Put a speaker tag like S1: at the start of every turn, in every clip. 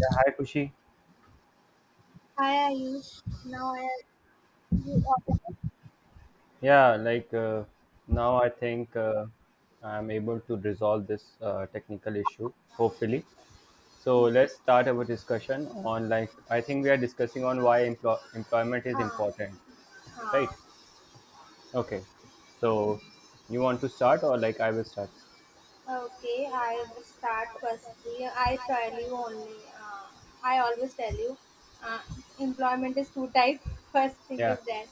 S1: Yeah, hi Kushi.
S2: I use now I you ordered it?
S1: Yeah, like now I think I'm able to resolve this technical issue, hopefully. So let's start our discussion on like I think we are discussing on why employment is
S2: Ah,
S1: important, right?
S2: ah.
S1: Okay. So you want to start or like I will start?
S2: Okay, I will start firstly. I tell you only. Uh, I always tell you, uh, employment is two type. First thing
S1: Yeah,
S2: is that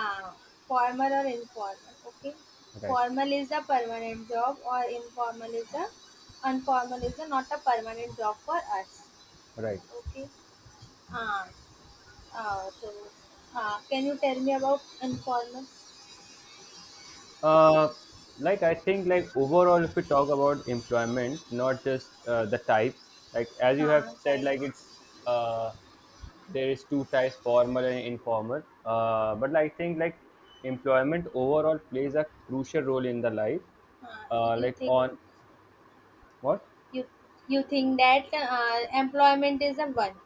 S2: uh, formal or informal. Okay,
S1: right,
S2: formal is a permanent job, or informal is a not a permanent job for us.
S1: right.
S2: Okay. Uh, uh, so, can you tell me about informal?
S1: Uh, like I think like overall, if we talk about employment, not just the types, like as you have said,
S2: Sorry.
S1: like it's uh, there is two types, formal and informal. But I think like employment overall plays a crucial role in the life.
S2: Uh, you
S1: Like
S2: think
S1: on what?
S2: you you think that employment is a one?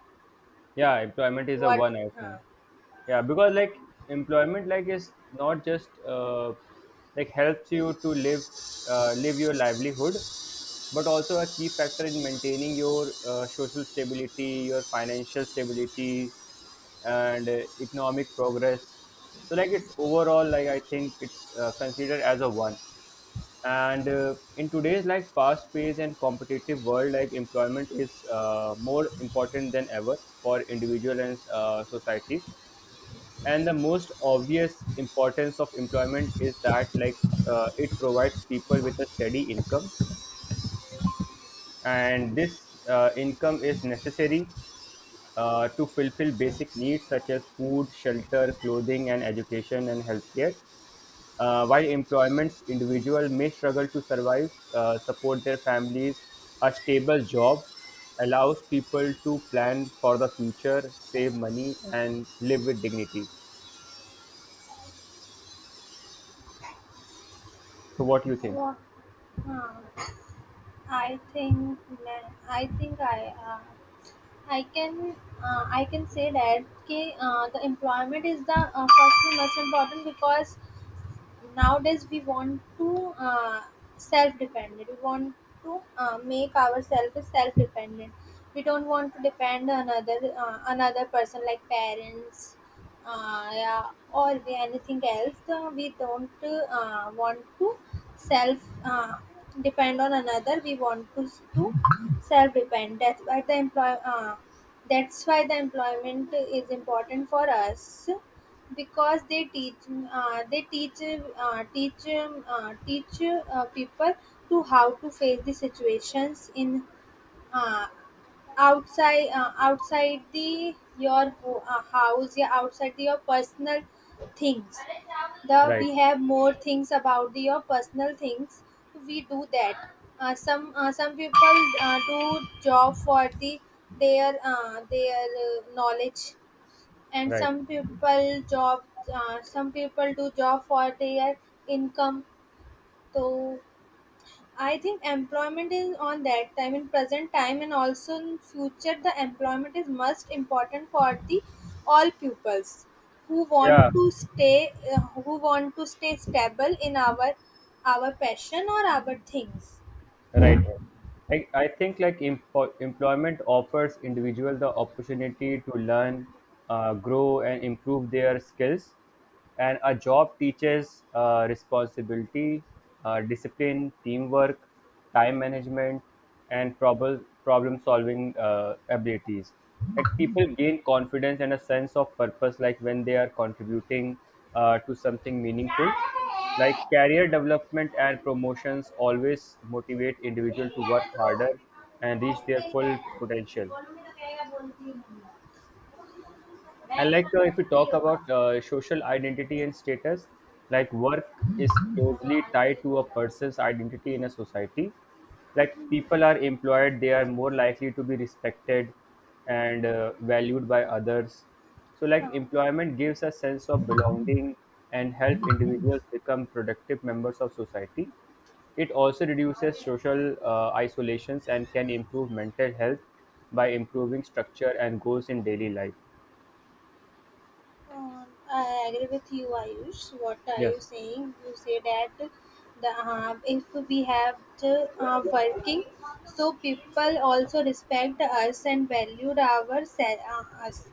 S1: Yeah, employment is a
S2: What?
S1: one, I
S2: Uh,
S1: think. Yeah, because like employment like is not just helps you to live your livelihood, but also a key factor in maintaining your social stability, your financial stability, and economic progress. So like it's overall, like I think it's considered as a one. And in today's like fast paced and competitive world, like employment is more important than ever for individual and societies. And the most obvious importance of employment is that like it provides people with a steady income, and this income is necessary to fulfill basic needs such as food, shelter, clothing, and education and healthcare. While employments individual may struggle to survive, support their families, a stable job allows people to plan for the future, save money, and live with dignity. So, what do you think?
S2: what? Uh, I think I think I can I can say that कि, the employment is the firstly most important because nowadays we want to uh, self-dependent we want to make ourselves self-dependent. We don't want to depend on another another person like parents, yeah, or the anything else. We don't want to self depend on another. We want to self depend. That's why the employ that's why the employment is important for us because they teach uh, they teach teach people to how to face the situations in uh, outside the house. Yeah, outside the, your personal things. The
S1: Right,
S2: we have more things about the, your personal things we do that. Some people do job for the their knowledge, and
S1: right.
S2: some people job, some people do job for their income. So I think employment is on that time, in present time and also in future, the employment is most important for the all pupils who want
S1: Yeah,
S2: to stay, who want to stay stable in our passion or our things.
S1: right, right. I think like empo employment offers individual the opportunity to learn, grow, and improve their skills. And a job teaches responsibility, discipline, teamwork, time management, and problem solving abilities. Like people gain confidence and a sense of purpose, like when they are contributing to something meaningful. Like career development and promotions always motivate individuals to work harder and reach their full potential. And like if you talk about social identity and status, like work is closely tied to a person's identity in a society. Like people are employed, they are more likely to be respected and valued by others. So like employment gives a sense of belonging and help individuals become productive members of society. It also reduces social isolations and can improve mental health by improving structure and goals in daily life.
S2: Um, I agree with you, Ayush. What are
S1: Yes.
S2: you saying? You say that the, if we have the working, so people also respect us and valued us.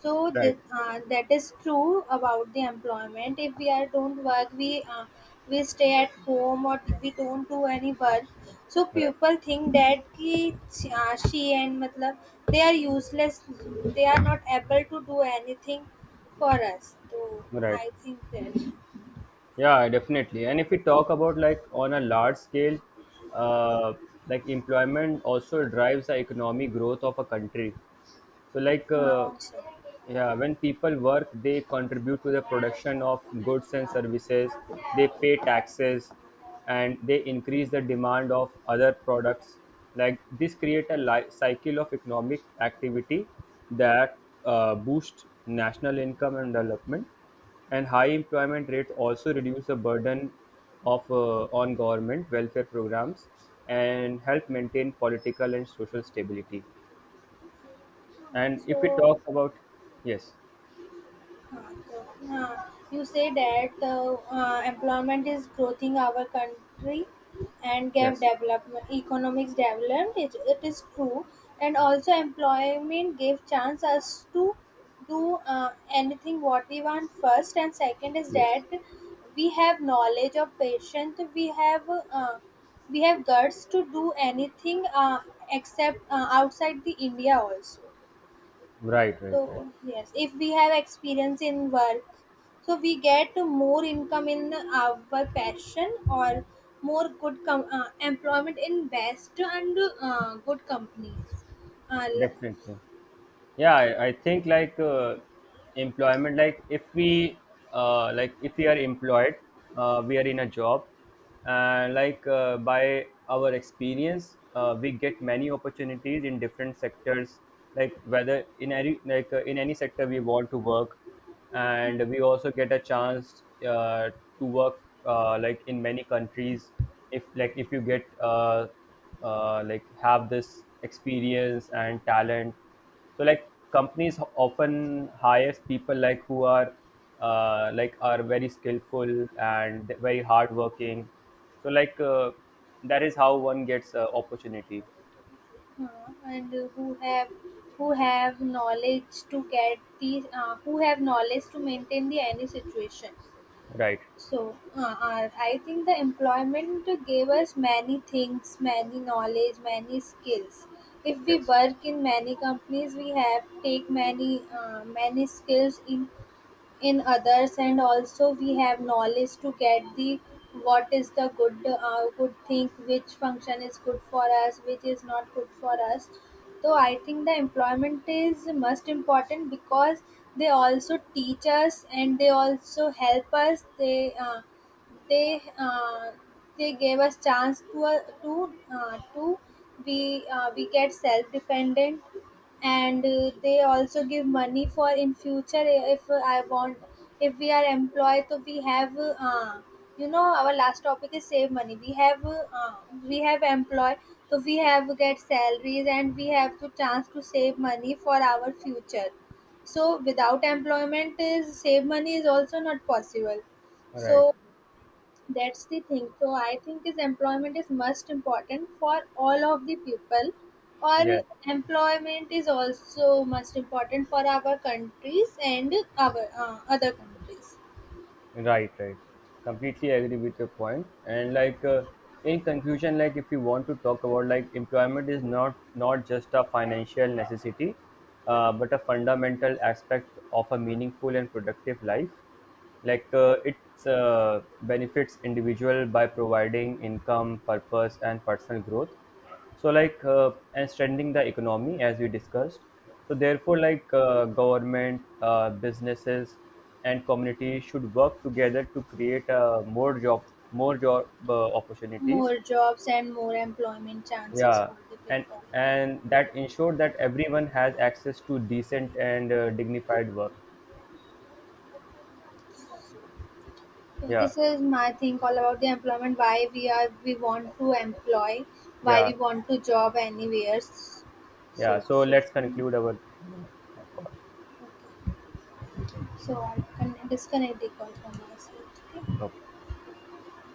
S2: So this,
S1: Right,
S2: that is true about the employment. If we are don't work, we stay at home or we don't do any work. So
S1: right,
S2: people think that ki, she and matlab, they are useless. They are not able to do anything for us. So
S1: right.
S2: I think that
S1: Yeah, definitely. And if we talk about like on a large scale, uh, like employment also drives the economic growth of a country. So
S2: also.
S1: yeah, when people work, they contribute to the production of goods and services, they pay taxes, and they increase the demand of other products. Like this create a cycle of economic activity that boosts national income and development. And high employment rates also reduce the burden of on government welfare programs and help maintain political and social stability. And if we
S2: So
S1: talk about yes,
S2: Uh, you say that employment is growing our country and gave
S1: yes.
S2: development economics development, it is true. And also employment gave chance us to do anything what we want. First, and second is that
S1: Yes.
S2: we have knowledge of patient. We have, uh, we have guts to do anything, except outside the india also.
S1: Right, right, right.
S2: So yes, if we have experience in work, so we get more income in our passion, or more employment in best and good companies, uh, l-
S1: Definitely. Yeah, I think like employment like if we are employed, we are in a job, and like by our experience we get many opportunities in different sectors, like whether in any in any sector we want to work. And we also get a chance to work like in many countries. If you get like have this experience and talent, so like companies often hires people like who are like are very skillful and very hardworking. So that is how one gets opportunity.
S2: uh, and who have knowledge to get the, who have knowledge to maintain the any situation.
S1: Right.
S2: So, I think the employment gave us many things, many knowledge, many skills. If we
S1: Yes.
S2: work in many companies, we have take many many skills in others, and also we have knowledge to get the what is the good good thing, which function is good for us, which is not good for us. So I think the employment is most important because they also teach us and they also help us. They uh, they gave us chance to to we get self dependent. And they also give money for in future if I want. If we are employed, so we have, uh, you know, our last topic is save money. We have employed. So we have get salaries and we have to chance to save money for our future. So without employment is save money is also not possible.
S1: Right.
S2: So that's the thing. So I think is employment is most important for all of the people, or
S1: Yes.
S2: employment is also most important for our countries and our other countries.
S1: Right, right. Completely agree with your point. And like in conclusion, like if you want to talk about like employment is not just a financial necessity, but a fundamental aspect of a meaningful and productive life. Like it benefits individual by providing income, purpose, and personal growth. So and strengthening the economy as we discussed. So therefore like government, businesses, and communities should work together to create more job opportunities.
S2: More jobs and more employment chances
S1: Yeah.
S2: for the
S1: and
S2: people.
S1: and that ensure that everyone has access to decent and dignified work.
S2: So
S1: Yeah.
S2: this is my thing all about the employment. Why we are we want to employ, why
S1: Yeah.
S2: we want to job anywhere.
S1: Yeah,
S2: So
S1: so
S2: it's just,
S1: let's conclude our call.
S2: so I can disconnect the call from myself. Okay?
S1: Okay.